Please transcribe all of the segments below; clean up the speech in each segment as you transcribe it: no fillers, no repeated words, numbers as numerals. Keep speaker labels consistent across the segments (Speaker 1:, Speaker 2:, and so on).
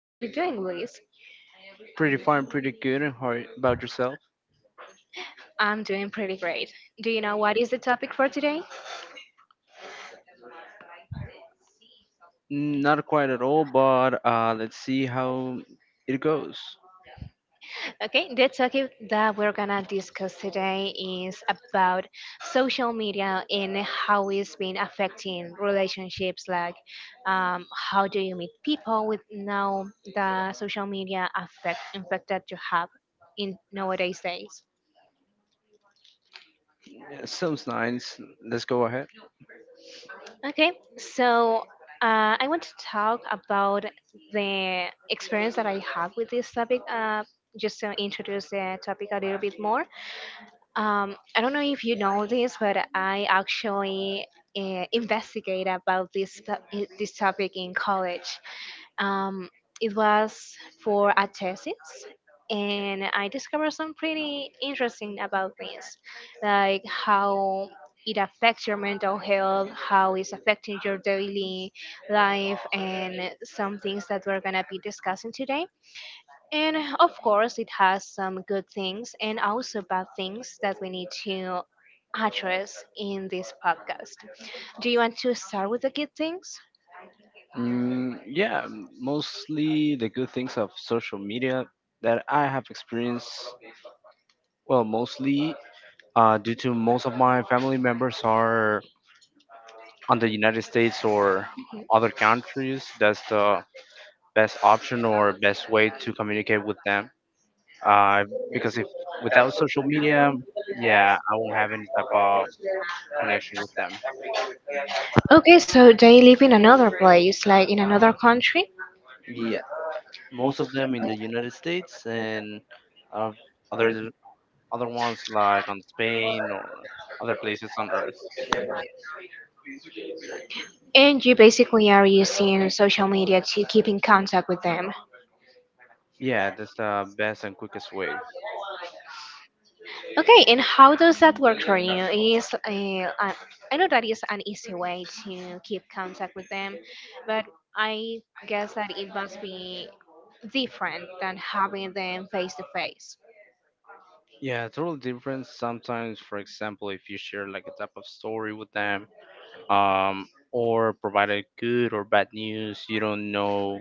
Speaker 1: How are you doing, Luis?
Speaker 2: Pretty fine, pretty good, and how about yourself?
Speaker 1: I'm doing pretty great. Do you know what is the topic for today?
Speaker 2: Not quite at all, but let's see how it goes.
Speaker 1: Okay, the topic that we're gonna discuss today is about social media and how it's been affecting relationships. Um, how do you meet people with now the social media affect effect that you have in nowadays days?
Speaker 2: Yeah, sounds nice. Let's go ahead.
Speaker 1: Okay, so I want to talk about the experience that I have with this topic, just to introduce the topic a little bit more. I don't know if you know this, but I actually investigate about this topic in college. Um, it was for a thesis, and I discovered some pretty interesting about this, like how it affects your mental health, how it's affecting your daily life, and some things that we're gonna be discussing today. And of course, it has some good things and also bad things that we need to address in this podcast. Do you want to start with the good things?
Speaker 2: Mm, yeah, mostly the good things of social media that I have experienced. Well, mostly due to most of my family members are on the United States or
Speaker 1: Mhm.
Speaker 2: other countries. That's the best option or best way to communicate with them. uh, because if without social media, yeah, I won't have any type of connection with them.
Speaker 1: Okay, so they live in another place, like in another country,
Speaker 2: Yeah, most of them in the United States and uh, other th- other ones like on Spain or other places on Earth.
Speaker 1: and you basically are using social media to keep in contact with them.
Speaker 2: Yeah, that's the best and quickest way.
Speaker 1: Okay, and how does that work for you? Is I know that is an easy way to keep contact with them, but I guess that it must be different than having them face to face.
Speaker 2: Yeah, total difference. Sometimes, for example, if you share like a type of story with them, um, or provide a good or bad news, you don't know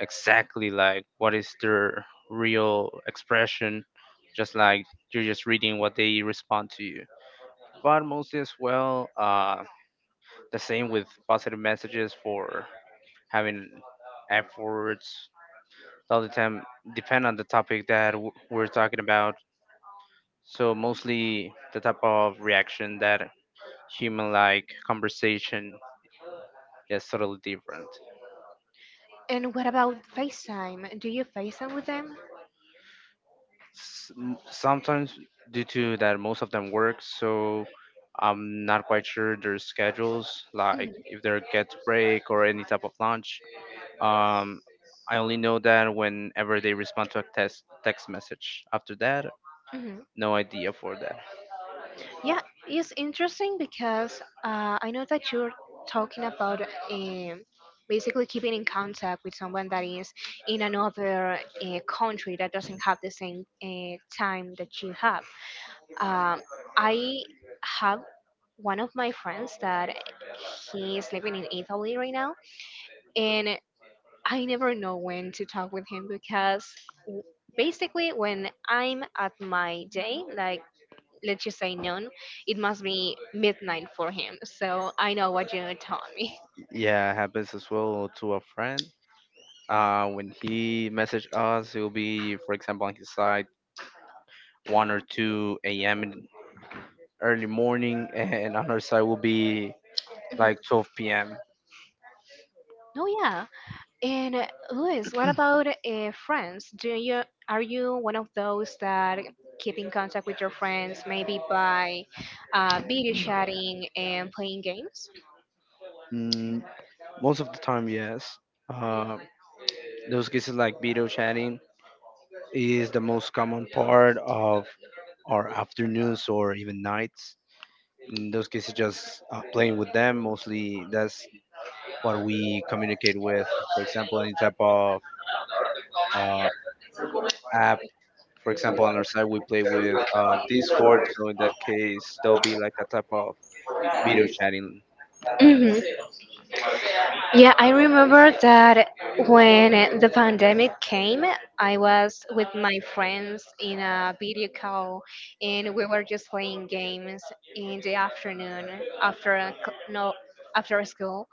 Speaker 2: exactly like what is their real expression. Just like you're just reading what they respond to you, but mostly as well, the same with positive messages for having efforts all the time, depend on the topic that we're talking about. So mostly, the type of reaction that human like conversation is totally different.
Speaker 1: And what about FaceTime? Do you FaceTime with them?
Speaker 2: Sometimes, due to that most of them work, so I'm not quite sure their schedules,
Speaker 1: Mhm,
Speaker 2: like if they get to break or any type of lunch. um, I only know that whenever they respond to a text message, after that,
Speaker 1: mhm.
Speaker 2: no idea for that.
Speaker 1: Yeah, it's interesting because I know that you're talking about um, basically keeping in contact with someone that is in another country that doesn't have the same time that you have. Um, I have one of my friends that he is living in Italy right now, and I never know when to talk with him because w- basically when I'm at my day, like let's just say noon, it must be midnight for him. So I know what you told me.
Speaker 2: Yeah, it happens as well to a friend. When he message us, it will be, for example, on his side 1 or 2 a.m in early morning and on our side will be like 12 p.m.
Speaker 1: No, yeah. And Luis, what about friends? Do you are you one of those that keep in contact with your friends, maybe by video chatting and playing games?
Speaker 2: Mm, most of the time, yes. Uh, those cases like video chatting is the most common part of our afternoons or even nights. In those cases, just playing with them. Mostly, that's what we communicate with. For example, any type of uh, app. For example, on our side, we play with Discord. So in that case, there'll be like a type of video chatting.
Speaker 1: Hmm Yeah, I remember that when the pandemic came, I was with my friends in a video call and we were just playing games in the afternoon after a c- no after school.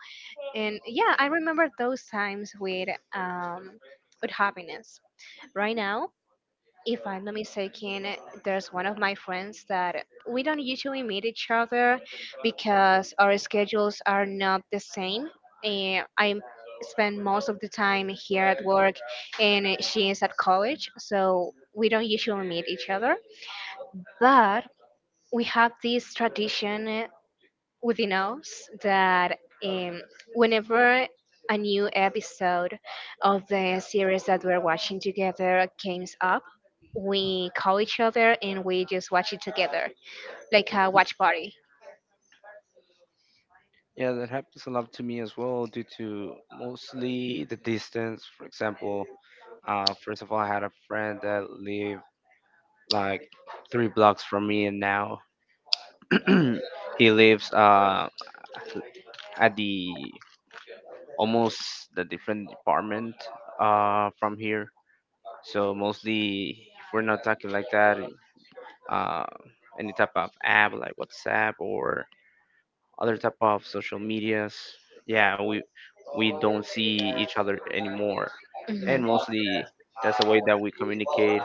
Speaker 1: And yeah, I remember those times um with happiness. Right now, if I'm not mistaken, there's one of my friends that we don't usually meet each other because our schedules are not the same. And I spend most of the time here at work, and she is at college, so we don't usually meet each other. But we have this tradition within us that um, whenever a new episode of the series that we're watching together comes up, we call each other and we just watch it together, like a watch party.
Speaker 2: Yeah, that happens a lot to me as well, due to mostly the distance. For example, first of all, I had a friend that lived like 3 blocks from me, and now he lives at the almost the different department from here. So mostly, if we're not talking like that, uh, any type of app like WhatsApp or other type of social medias, yeah, we don't see each other anymore, and
Speaker 1: Mhm.
Speaker 2: mostly that's the way that we communicate.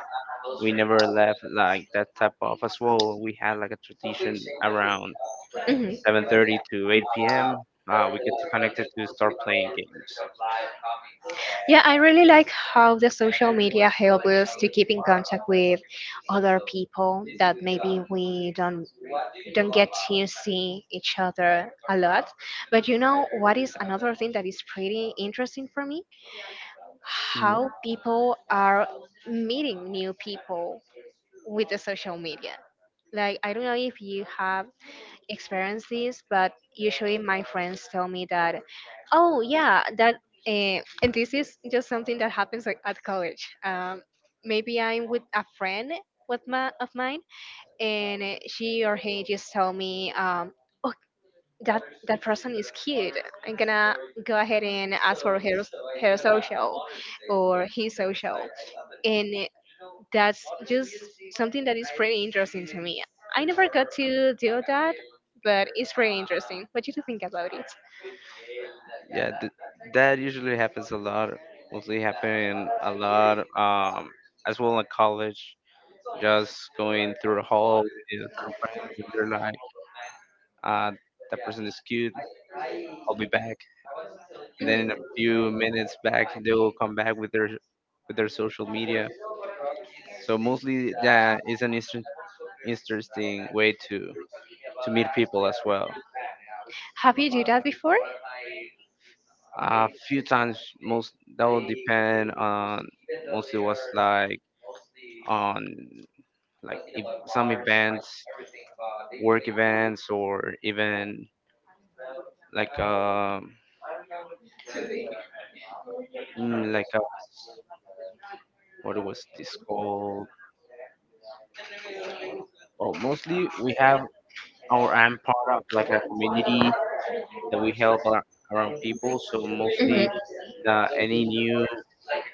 Speaker 2: We never left like that type of as well. We had like a tradition around
Speaker 1: Mhm.
Speaker 2: 7:30 to 8 p.m. We get connected to start playing games.
Speaker 1: Yeah, I really like how the social media help us to keep in contact with other people that maybe we don't get to see each other a lot. But you know what is another thing that is pretty interesting for me?
Speaker 2: Mhm.
Speaker 1: How people are meeting new people with the social media. Like, I don't know if you have experienced this, but usually my friends tell me that, oh, yeah, that, and this is just something that happens like, at college. Maybe I'm with a friend with my, of mine, and she or he just tell me, oh, that person is cute. I'm gonna go ahead and ask for her social or his social. And That's just something that is pretty interesting to me. I never got to do that, but it's pretty interesting. What do you think about it?
Speaker 2: Yeah, th- that usually happens a lot. Mostly happen a lot, as well in college. Just going through the hall, you some friends, they're like, uh, "That person is cute. I'll be back." And then in a few minutes back, they'll come back with their social media. So mostly, yeah, it's an interesting way to meet people as well.
Speaker 1: Have you do that before?
Speaker 2: A few times, most that will depend on. Mostly was like on, like if some events, work events, or even like like a, what was this called? Well, mostly we have our I part like a community that we help around people. So
Speaker 1: Mhm,
Speaker 2: mostly any new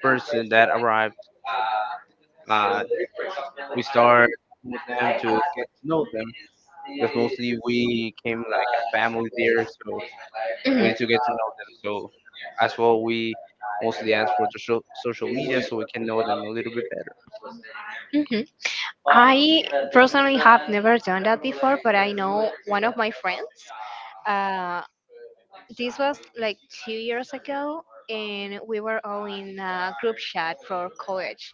Speaker 2: person that arrived, uh, we start. Them to get to know them, because mostly we came like a family there, so we need to get to know them. So as well, we mostly ask for the social media so
Speaker 1: mhm.
Speaker 2: we can know them a little bit better.
Speaker 1: Mhm. I personally have never done that before, but I know one of my friends. Uh, this was like 2 years ago, and we were all in a group chat for college.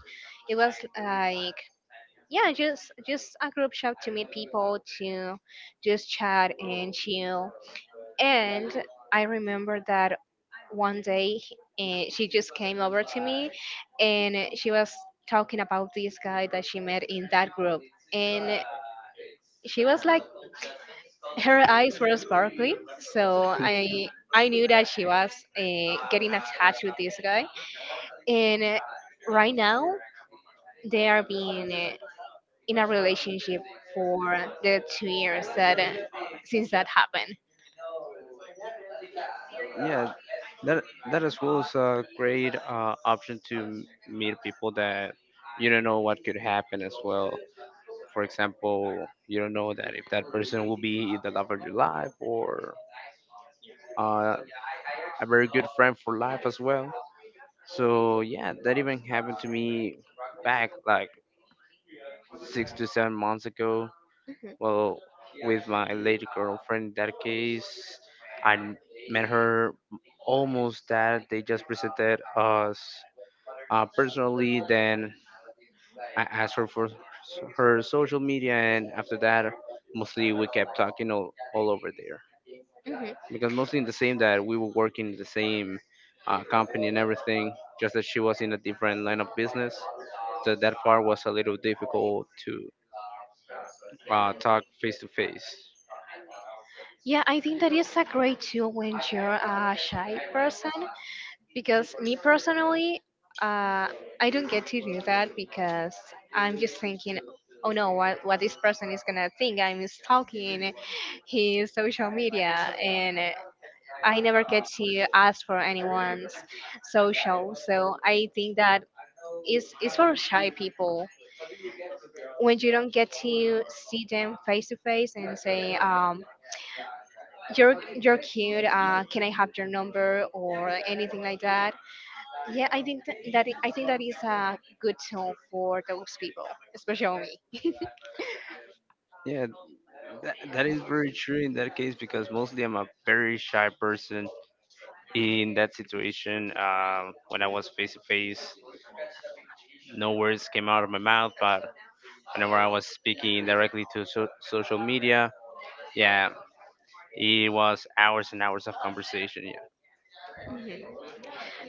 Speaker 1: It was like yeah, just a group chat to meet people to just chat and chill. And I remember that one day she just came over to me and she was talking about this guy that she met in that group and she was like her eyes were sparkly so I knew that she was getting attached with this guy and right now they are being in a relationship for the 2 years that since that happened.
Speaker 2: Yeah, that that as well is a great option to meet people that you don't know what could happen as well. For example, you don't know that if that person will be the love of your life or uh, a very good friend for life as well. So yeah, that even happened to me back like 6 to 7 months ago.
Speaker 1: Mhm.
Speaker 2: Well, with my lady girlfriend. In that case, I met her almost that they just presented us personally. Then I asked her for her social media, and after that, mostly we kept talking all over there, because mostly
Speaker 1: Mhm.
Speaker 2: in the same that we were working in the same company and everything. Just that she was in a different line of business, that that part was a little difficult to talk face to face.
Speaker 1: Yeah, I think that is a great tool when you're a shy person because me personally, uh, I don't get to do that because I'm just thinking, oh no, what this person is gonna think? I'm stalking his social media, and I never get to ask for anyone's social. So I think that is for shy people when you don't get to see them face to face and say you're cute can I have your number or anything like that. Yeah, I think th- that I think that is a good tool for those people, especially
Speaker 2: Yeah, that is very true in that case, because mostly I'm a very shy person. In that situation, when I was face to face, no words came out of my mouth. But whenever I was speaking directly to social media, yeah, it was hours and hours of conversation. Yeah,
Speaker 1: me.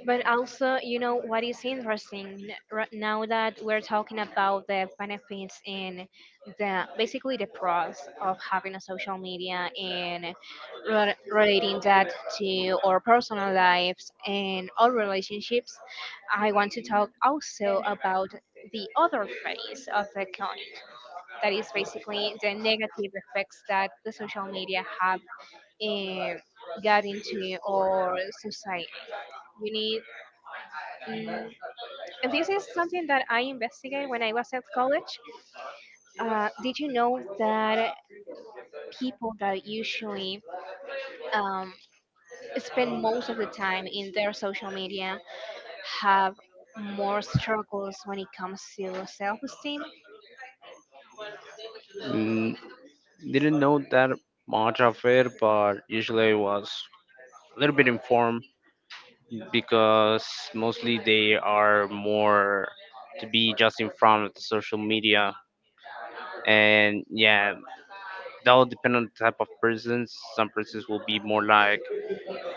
Speaker 1: But also, you know what is interesting right now that we're talking about the benefits and the basically the pros of having a social media and relating that to our personal lives and our relationships. I want to talk also about the other face of the coin. That is basically the negative effects that the social media have um, got into our society. You need mm, and this is something that I investigated when I was at college. Did you know that people that usually um, spend most of the time in their social media have more struggles when it comes to self esteem?
Speaker 2: mm, didn't know that much of it, but usually I was a little bit informed, because mostly they are more to be just in front of the social media. And yeah, that will depend on the type of persons. Some persons will be more like,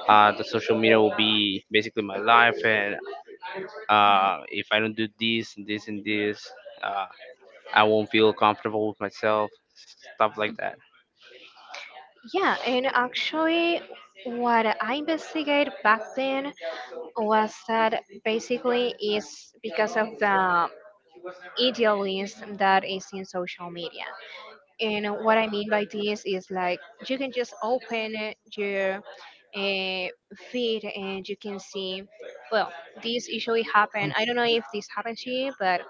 Speaker 2: the social media will be basically my life, and if I don't do this and this and this, uh, I won't feel comfortable with myself, stuff like that.
Speaker 1: Yeah, and actually, what I investigated back then was that basically is because of the idealism that is in social media. And what I mean by this is like you can just open your uh, feed and you can see. Well, this usually happen. I don't know if this happens to you, but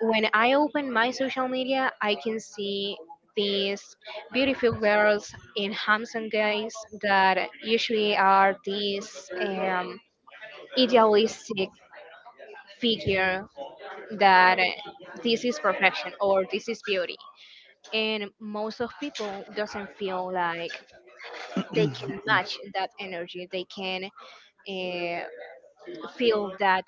Speaker 1: when I open my social media, I can see these beautiful girls and handsome guys that usually are these um, idealistic figure that this is perfection or this is beauty and most of people doesn't feel like they can match that energy they can uh, feel that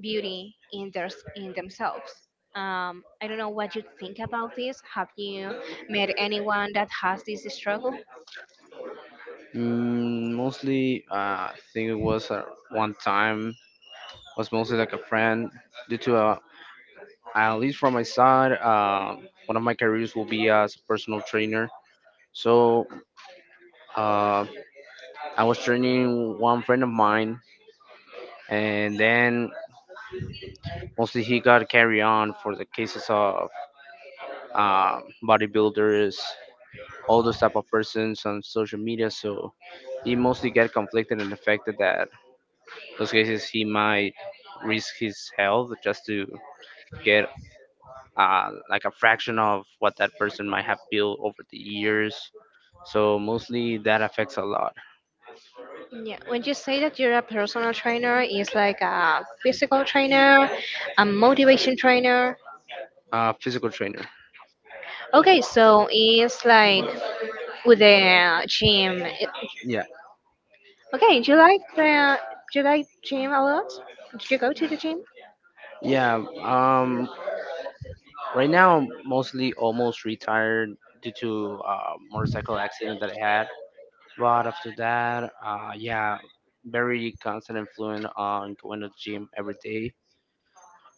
Speaker 1: beauty in their in themselves. I don't know what you think about this. Have you met anyone that has this struggle?
Speaker 2: Mostly I think it was, one time was mostly like a friend, due to a, at least from my side, one of my careers will be as a personal trainer. So uh, I was training one friend of mine, and then mostly he got carry on for the cases of um, bodybuilders, all those type of persons on social media. So he mostly get conflicted and affected that, those cases he might risk his health just to get like a fraction of what that person might have built over the years. So mostly that affects a lot.
Speaker 1: Yeah, when you say that you're a personal trainer it's like a physical trainer, a motivation trainer.
Speaker 2: Physical trainer.
Speaker 1: Okay, so it's like with the gym.
Speaker 2: Yeah
Speaker 1: Okay, do you like the do you like gym a lot? Did you go to the gym?
Speaker 2: yeah. um right now, mostly almost retired, due to motorcycle accident that I had. But after that, yeah, very constant influence on going to the gym every day.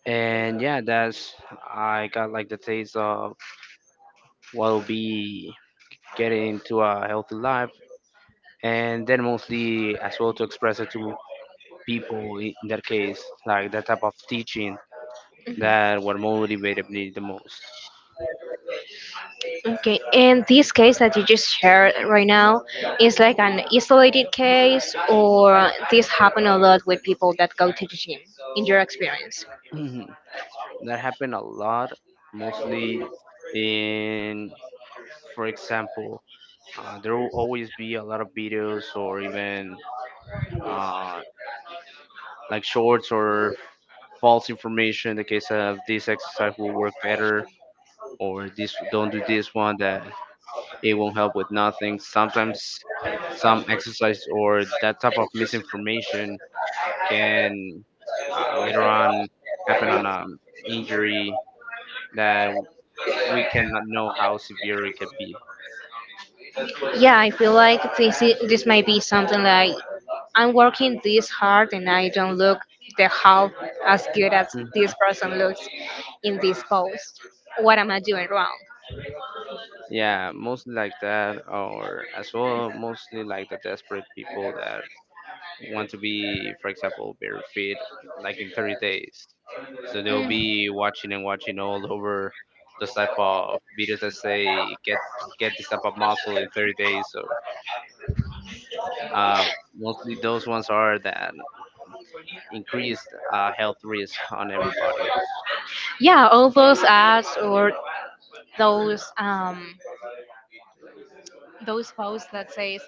Speaker 2: And yeah, that's, I got like the taste of what'll be getting into a healthy life, and then mostly as well to express it to people. In that case, like that type of teaching,
Speaker 1: Mhm.
Speaker 2: that what motivated me the most.
Speaker 1: Okay, and this case that you just shared right now is like an isolated case, or this happen a lot with people that go to the gym. In your experience,
Speaker 2: That happened a lot, mostly in, for example, there will always be a lot of videos or even uh, like shorts or false information, in the case of, this exercise will work better or this don't do this one that it won't help with nothing. Sometimes some exercise or that type of misinformation can later on happen on an injury that we cannot know how severe it can be.
Speaker 1: yeah, I feel like this might be something like I'm working this hard and I don't look the half as good as this
Speaker 2: Mhm.
Speaker 1: person looks in this post. What am I doing wrong?
Speaker 2: Yeah, mostly like that, or as well, mostly like the desperate people that want to be, for example, very fit, like in 30 days. So they'll
Speaker 1: Mm,
Speaker 2: be watching and watching all over those type of videos that say get this type of muscle in 30 days. So uh, mostly those ones are that increased health risk on everybody.
Speaker 1: yeah, all those ads or those um those posts that says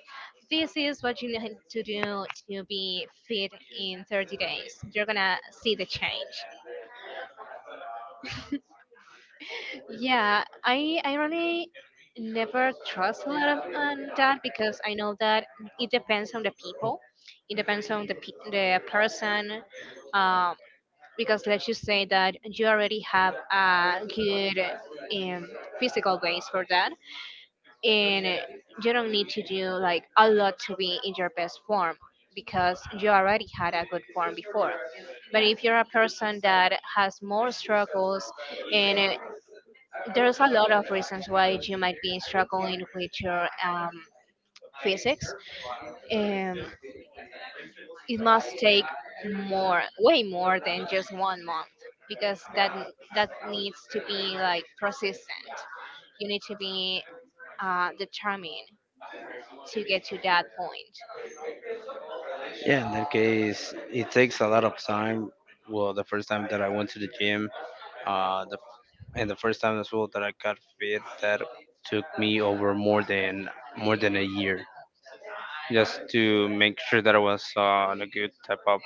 Speaker 1: this is what you need to do to be fit in 30 days you're gonna see the change. Yeah, I really never trust a lot of that because I know that it depends on the people, it depends on the person, um, because let's just say that you already have a good um, physical base for that and you don't need to do like a lot to be in your best form because you already had a good form before. But if you're a person that has more struggles and there's a lot of reasons why you might be struggling with your physics, um, it must take more way more than just one month because that needs to be like persistent. You need to be determined to get to that point.
Speaker 2: Yeah, in that case, it takes a lot of time. Well, the first time that I went to the gym, uh, the, and the first time as well that I got fit, that took me over more than a year, just to make sure that I was on a good type of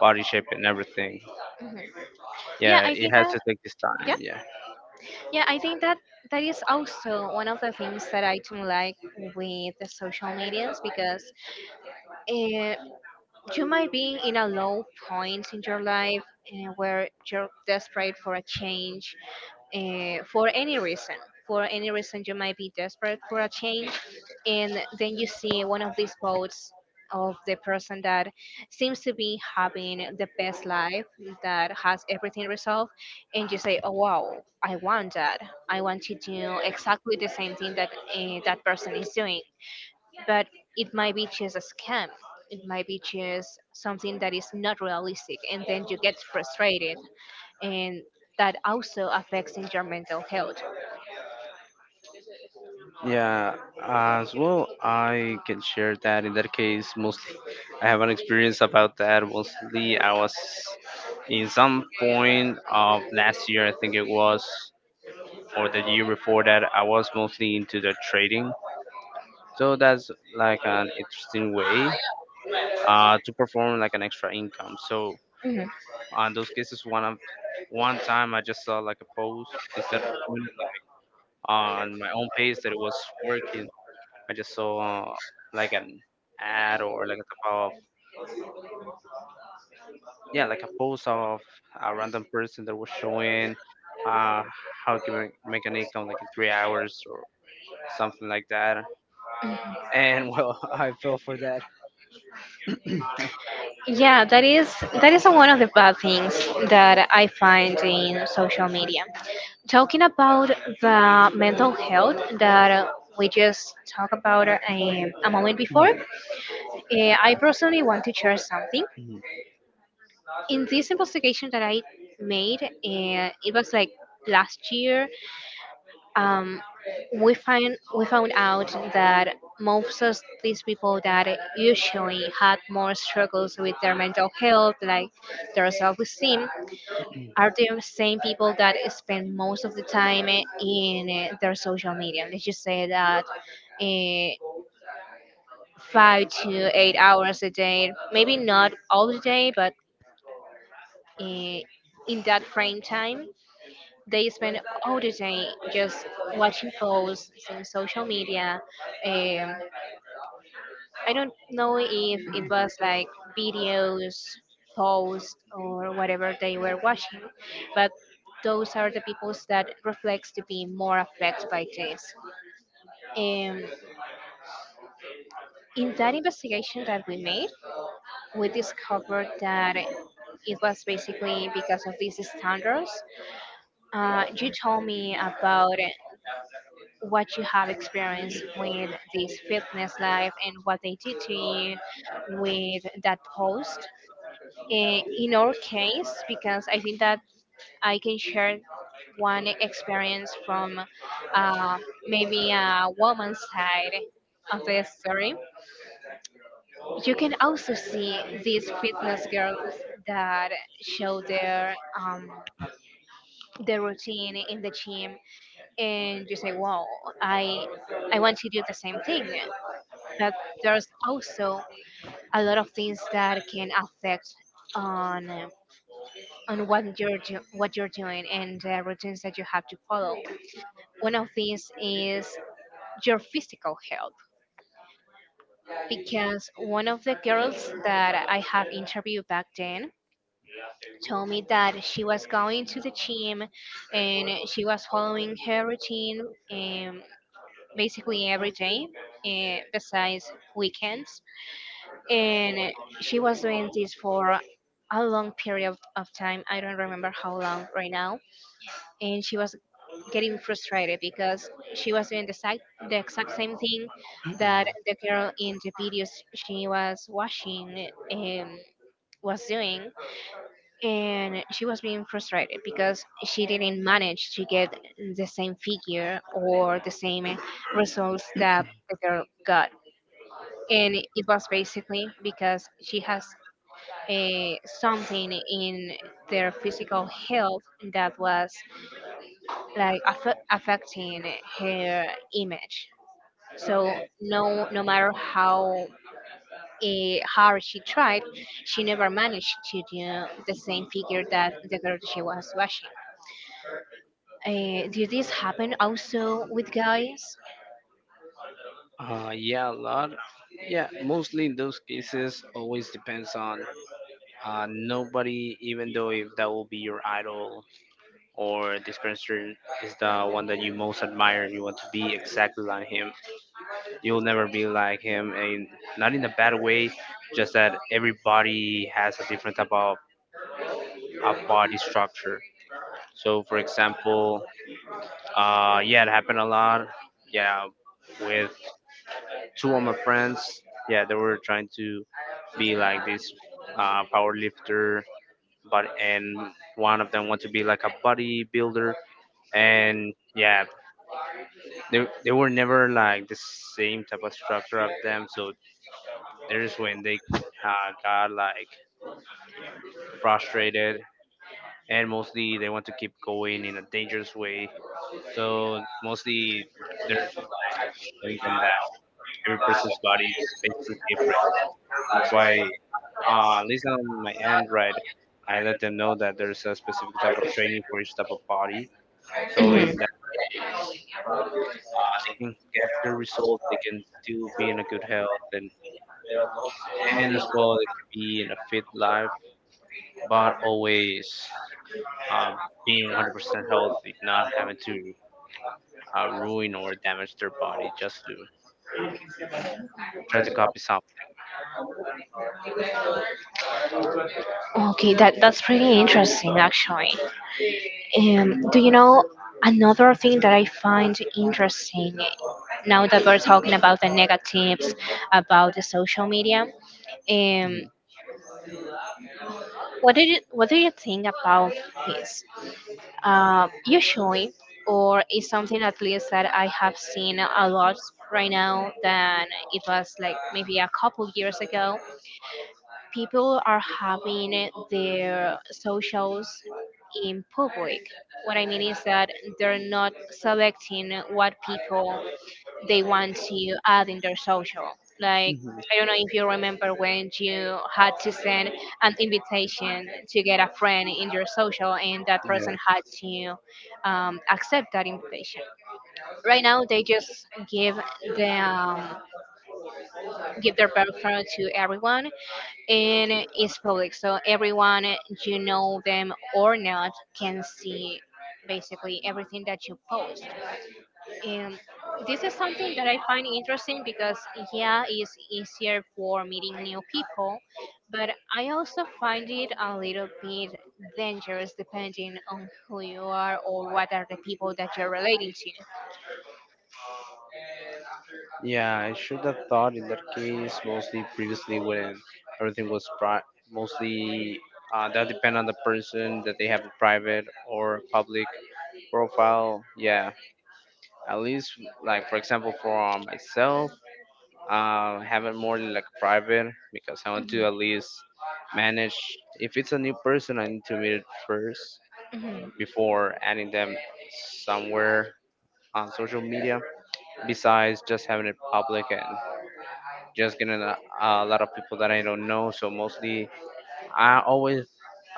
Speaker 2: body shape and everything.
Speaker 1: Mhm. Yeah,
Speaker 2: Yeah,
Speaker 1: I
Speaker 2: it
Speaker 1: think
Speaker 2: has
Speaker 1: that
Speaker 2: to take this time.
Speaker 1: yeah,
Speaker 2: Yeah.
Speaker 1: yeah, I think that that is also one of the things that I don't like with the social medias because uh, you might be in a low point in your life where you're desperate for a change for any reason. For any reason, you might be desperate for a change, and then you see one of these posts of the person that seems to be having the best life, that has everything resolved, and you say, "Oh wow, I want that. I want to do exactly the same thing that that person is doing." But it might be just a scam. It might be just something that is not realistic, and then you get frustrated and that also affects in your mental health.
Speaker 2: Yeah, as well, I can share that in that case. Mostly, I have an experience about that. Mostly, I was in some point of last year, I think it was, or the year before that, I was mostly into the trading. So that's like an interesting way to perform like an extra income. So,
Speaker 1: Mhm.
Speaker 2: on those cases, one time I just saw like a post, instead of doing it on my own page that it was working. I just saw like an ad or like a type of, yeah, like a post of a random person that was showing uh, how to make an income like in 3 hours or something like that. And well, I fell for that.
Speaker 1: Yeah, that is one of the bad things that I find in social media. Talking about the mental health that we just talked about a moment before, I personally want to share something.
Speaker 2: Mhm.
Speaker 1: In this investigation that I made, it was like last year, um, we found out that most of these people that usually had more struggles with their mental health, like their self-esteem, are the same people that spend most of the time in their social media. Let's just say that eh, 5 to 8 hours a day, maybe not all the day, but eh, in that frame time, they spend all the day just watching posts in social media. Um, I don't know if it was like videos, posts, or whatever they were watching, but those are the peoples that reflects to be more affected by this. Um, in that investigation that we made, we discovered that it was basically because of these standards. You told me about what you have experienced with this fitness life and what they did to you with that post. In our case, because I think that I can share one experience from uh, maybe a woman's side of the story. You can also see these fitness girls that show their routine in the gym, and you say, "Wow, I I want to do the same thing." But there's also a lot of things that can affect on uh, on what you're doing and the routines that you have to follow. One of these is your physical health, because one of the girls that I have interviewed back then told me that she was going to the gym and she was following her routine, um, basically every day, besides weekends, and she was doing this for a long period of time. I don't remember how long right now, and she was getting frustrated because she was doing the exact same thing that the girl in the videos she was watching was doing. And she was being frustrated because she didn't manage to get the same figure or the same results that the girl got, and it was basically because she has something in their physical health that was like affecting her image. So no matter how hard she tried, she never managed to do the same figure that the girl she was watching. Did this happen also with guys?
Speaker 2: Yeah, a lot. Yeah, mostly in those cases, always depends on, nobody, even though if that will be your idol or this person is the one that you most admire, you want to be exactly like him. You'll never be like him, and not in a bad way. Just that everybody has a different type of body structure. So, for example, yeah, it happened a lot. Yeah, with two of my friends. Yeah, they were trying to be like this power lifter, but and one of them wanted to be like a bodybuilder, and yeah, they were never like the same type of structure of them. So there's when they got like frustrated, and mostly they want to keep going in a dangerous way. So mostly they're explaining them that every person's body is basically different. That's why, at least on my end, right, I let them know that there's a specific type of training for each type of body. So
Speaker 1: Mhm.
Speaker 2: in that case, they can get the result. They can still be in a good health, and as well they can be in a fit life, but always uh, being 100% healthy, not having to ruin or damage their body just to try to copy something.
Speaker 1: Okay, that's pretty interesting actually. And do you know another thing that I find interesting now that we're talking about the negatives about the social media?
Speaker 2: Mm-hmm.
Speaker 1: Um, what do you think about this? Usually, or is something at least that I have seen a lot right now than it was like maybe a couple years ago, people are having their socials in public. What I mean is that they're not selecting what people they want to add in their social. Like, I don't know if you remember when you had to send an invitation to get a friend in your social, and that
Speaker 2: Yeah,
Speaker 1: person had to accept that invitation. Right now, they just give the give their profile to everyone, and it's public, so everyone, you know them or not, can see basically everything that you post. And this is something that I find interesting because, yeah, it's easier for meeting new people, but I also find it a little bit dangerous, depending on who you are or what are the people that you're relating to.
Speaker 2: yeah. I should have thought, in that case, mostly previously when everything was mostly, that depend on the person that they have a private or public profile. Yeah, at least like, for example, for myself, have it more like private, because I want to at least manage. If it's a new person, I need to meet it first
Speaker 1: Mhm. Mhm.
Speaker 2: before adding them somewhere on social media. Besides just having it public and just getting a lot of people that I don't know. So mostly, I always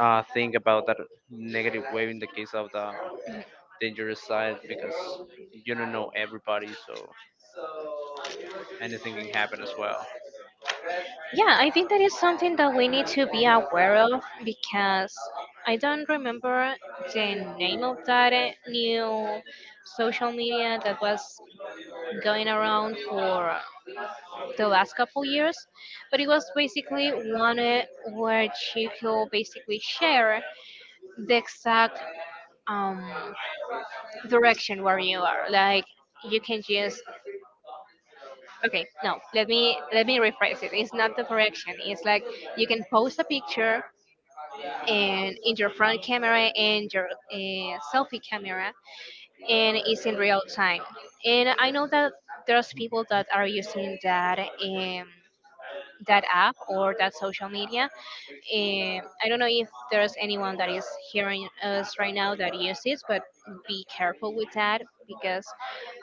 Speaker 2: think about that negative way in the case of the dangerous side, because you don't know everybody. So anything can happen as well.
Speaker 1: Yeah, I think that is something that we need to be aware of, because I don't remember the name of that new social media that was going around for the last couple years, but it was basically one, where you could basically share the exact um, direction where you are. Like, you can just, okay, no, let me rephrase it. It's not the direction, it's like you can post a picture and in your front camera and your selfie camera, and it's in real time. And I know that there's people that are using that, that app or that social media. I don't know if there's anyone that is hearing us right now that uses, but be careful with that, because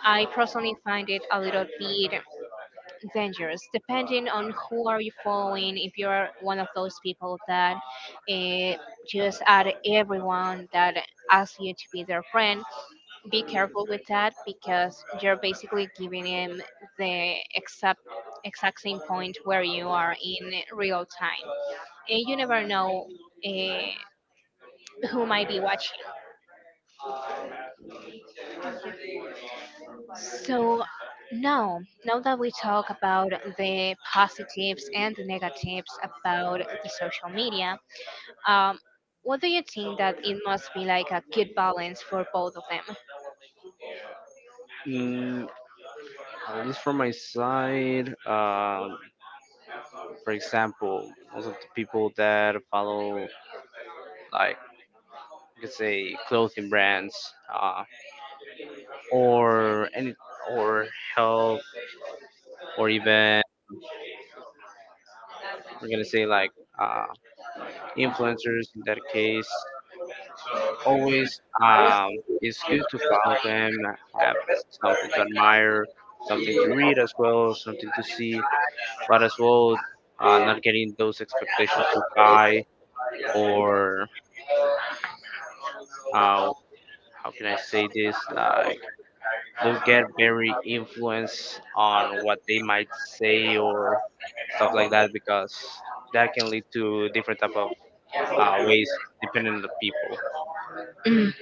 Speaker 1: I personally find it a little bit dangerous, depending on who are you following. If you're one of those people that uh, just add everyone that asks you to be their friend, be careful with that, because you're basically giving him the exact same point where you are in real time, and you never know uh, who might be watching. So now, now that we talk about the positives and the negatives about the social media, um, what do you think that it must be like a good balance for both of them?
Speaker 2: Mm, at least from my side, for example, most of the people that follow, like, let's say, clothing brands, or any, or help, or even we're gonna say like uh, influencers, in that case always, it's good to follow them, have something to admire, something to read, as well something to see, but as well, not getting those expectations too high, or uh, how can I say this, like, do get very influenced on what they might say or stuff like that, because that can lead to different type of ways, depending on the people.
Speaker 1: Mm.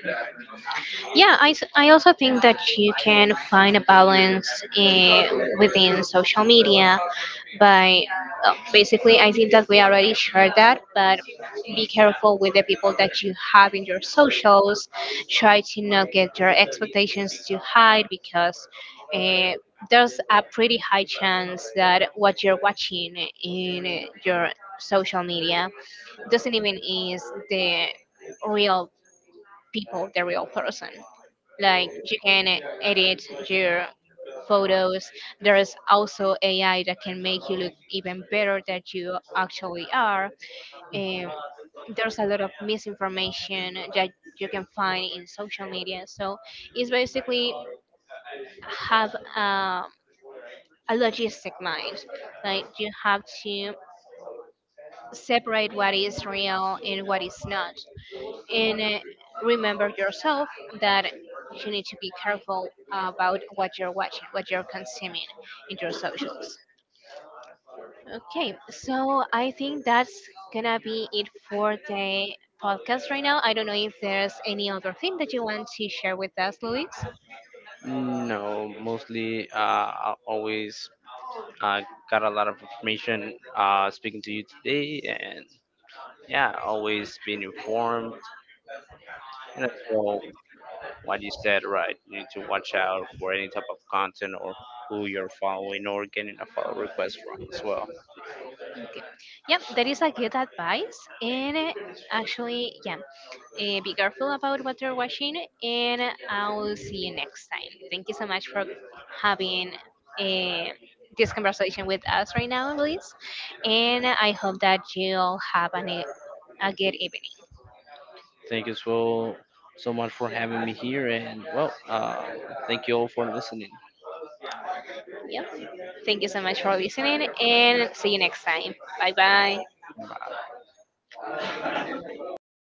Speaker 1: Yeah, I also think that you can find a balance eh, within social media. But well, basically, I think that we already shared that. But be careful with the people that you have in your socials. Try to not get your expectations too high, because uh, there's a pretty high chance that what you're watching in your social media doesn't even is the real people, the real person. Like, you can edit your photos. There's also AI that can make you look even better than you actually are, and there's a lot of misinformation that you can find in social media. So it's basically have, a logistic mind. Like, you have to separate what is real and what is not. And remember yourself that you need to be careful about what you're watching, what you're consuming in your socials. Okay, so I think that's gonna be it for the podcast right now. I don't know if there's any other thing that you want to share with us, Luis.
Speaker 2: No, mostly I always uh, got a lot of information speaking to you today, and yeah, always being informed. And as well, what you said, right? You need to watch out for any type of content, or who you're following or getting a follow request from, as well.
Speaker 1: Okay. Yep, there is a good advice, and actually, yeah, be careful about what you're watching, and I'll see you next time. Thank you so much for having uh, this conversation with us right now, Luis, and I hope that you'll have a good evening.
Speaker 2: Thank you so much for having me here, and well, thank you all for listening.
Speaker 1: Yep, thank you so much for listening, and see you next time. Bye bye.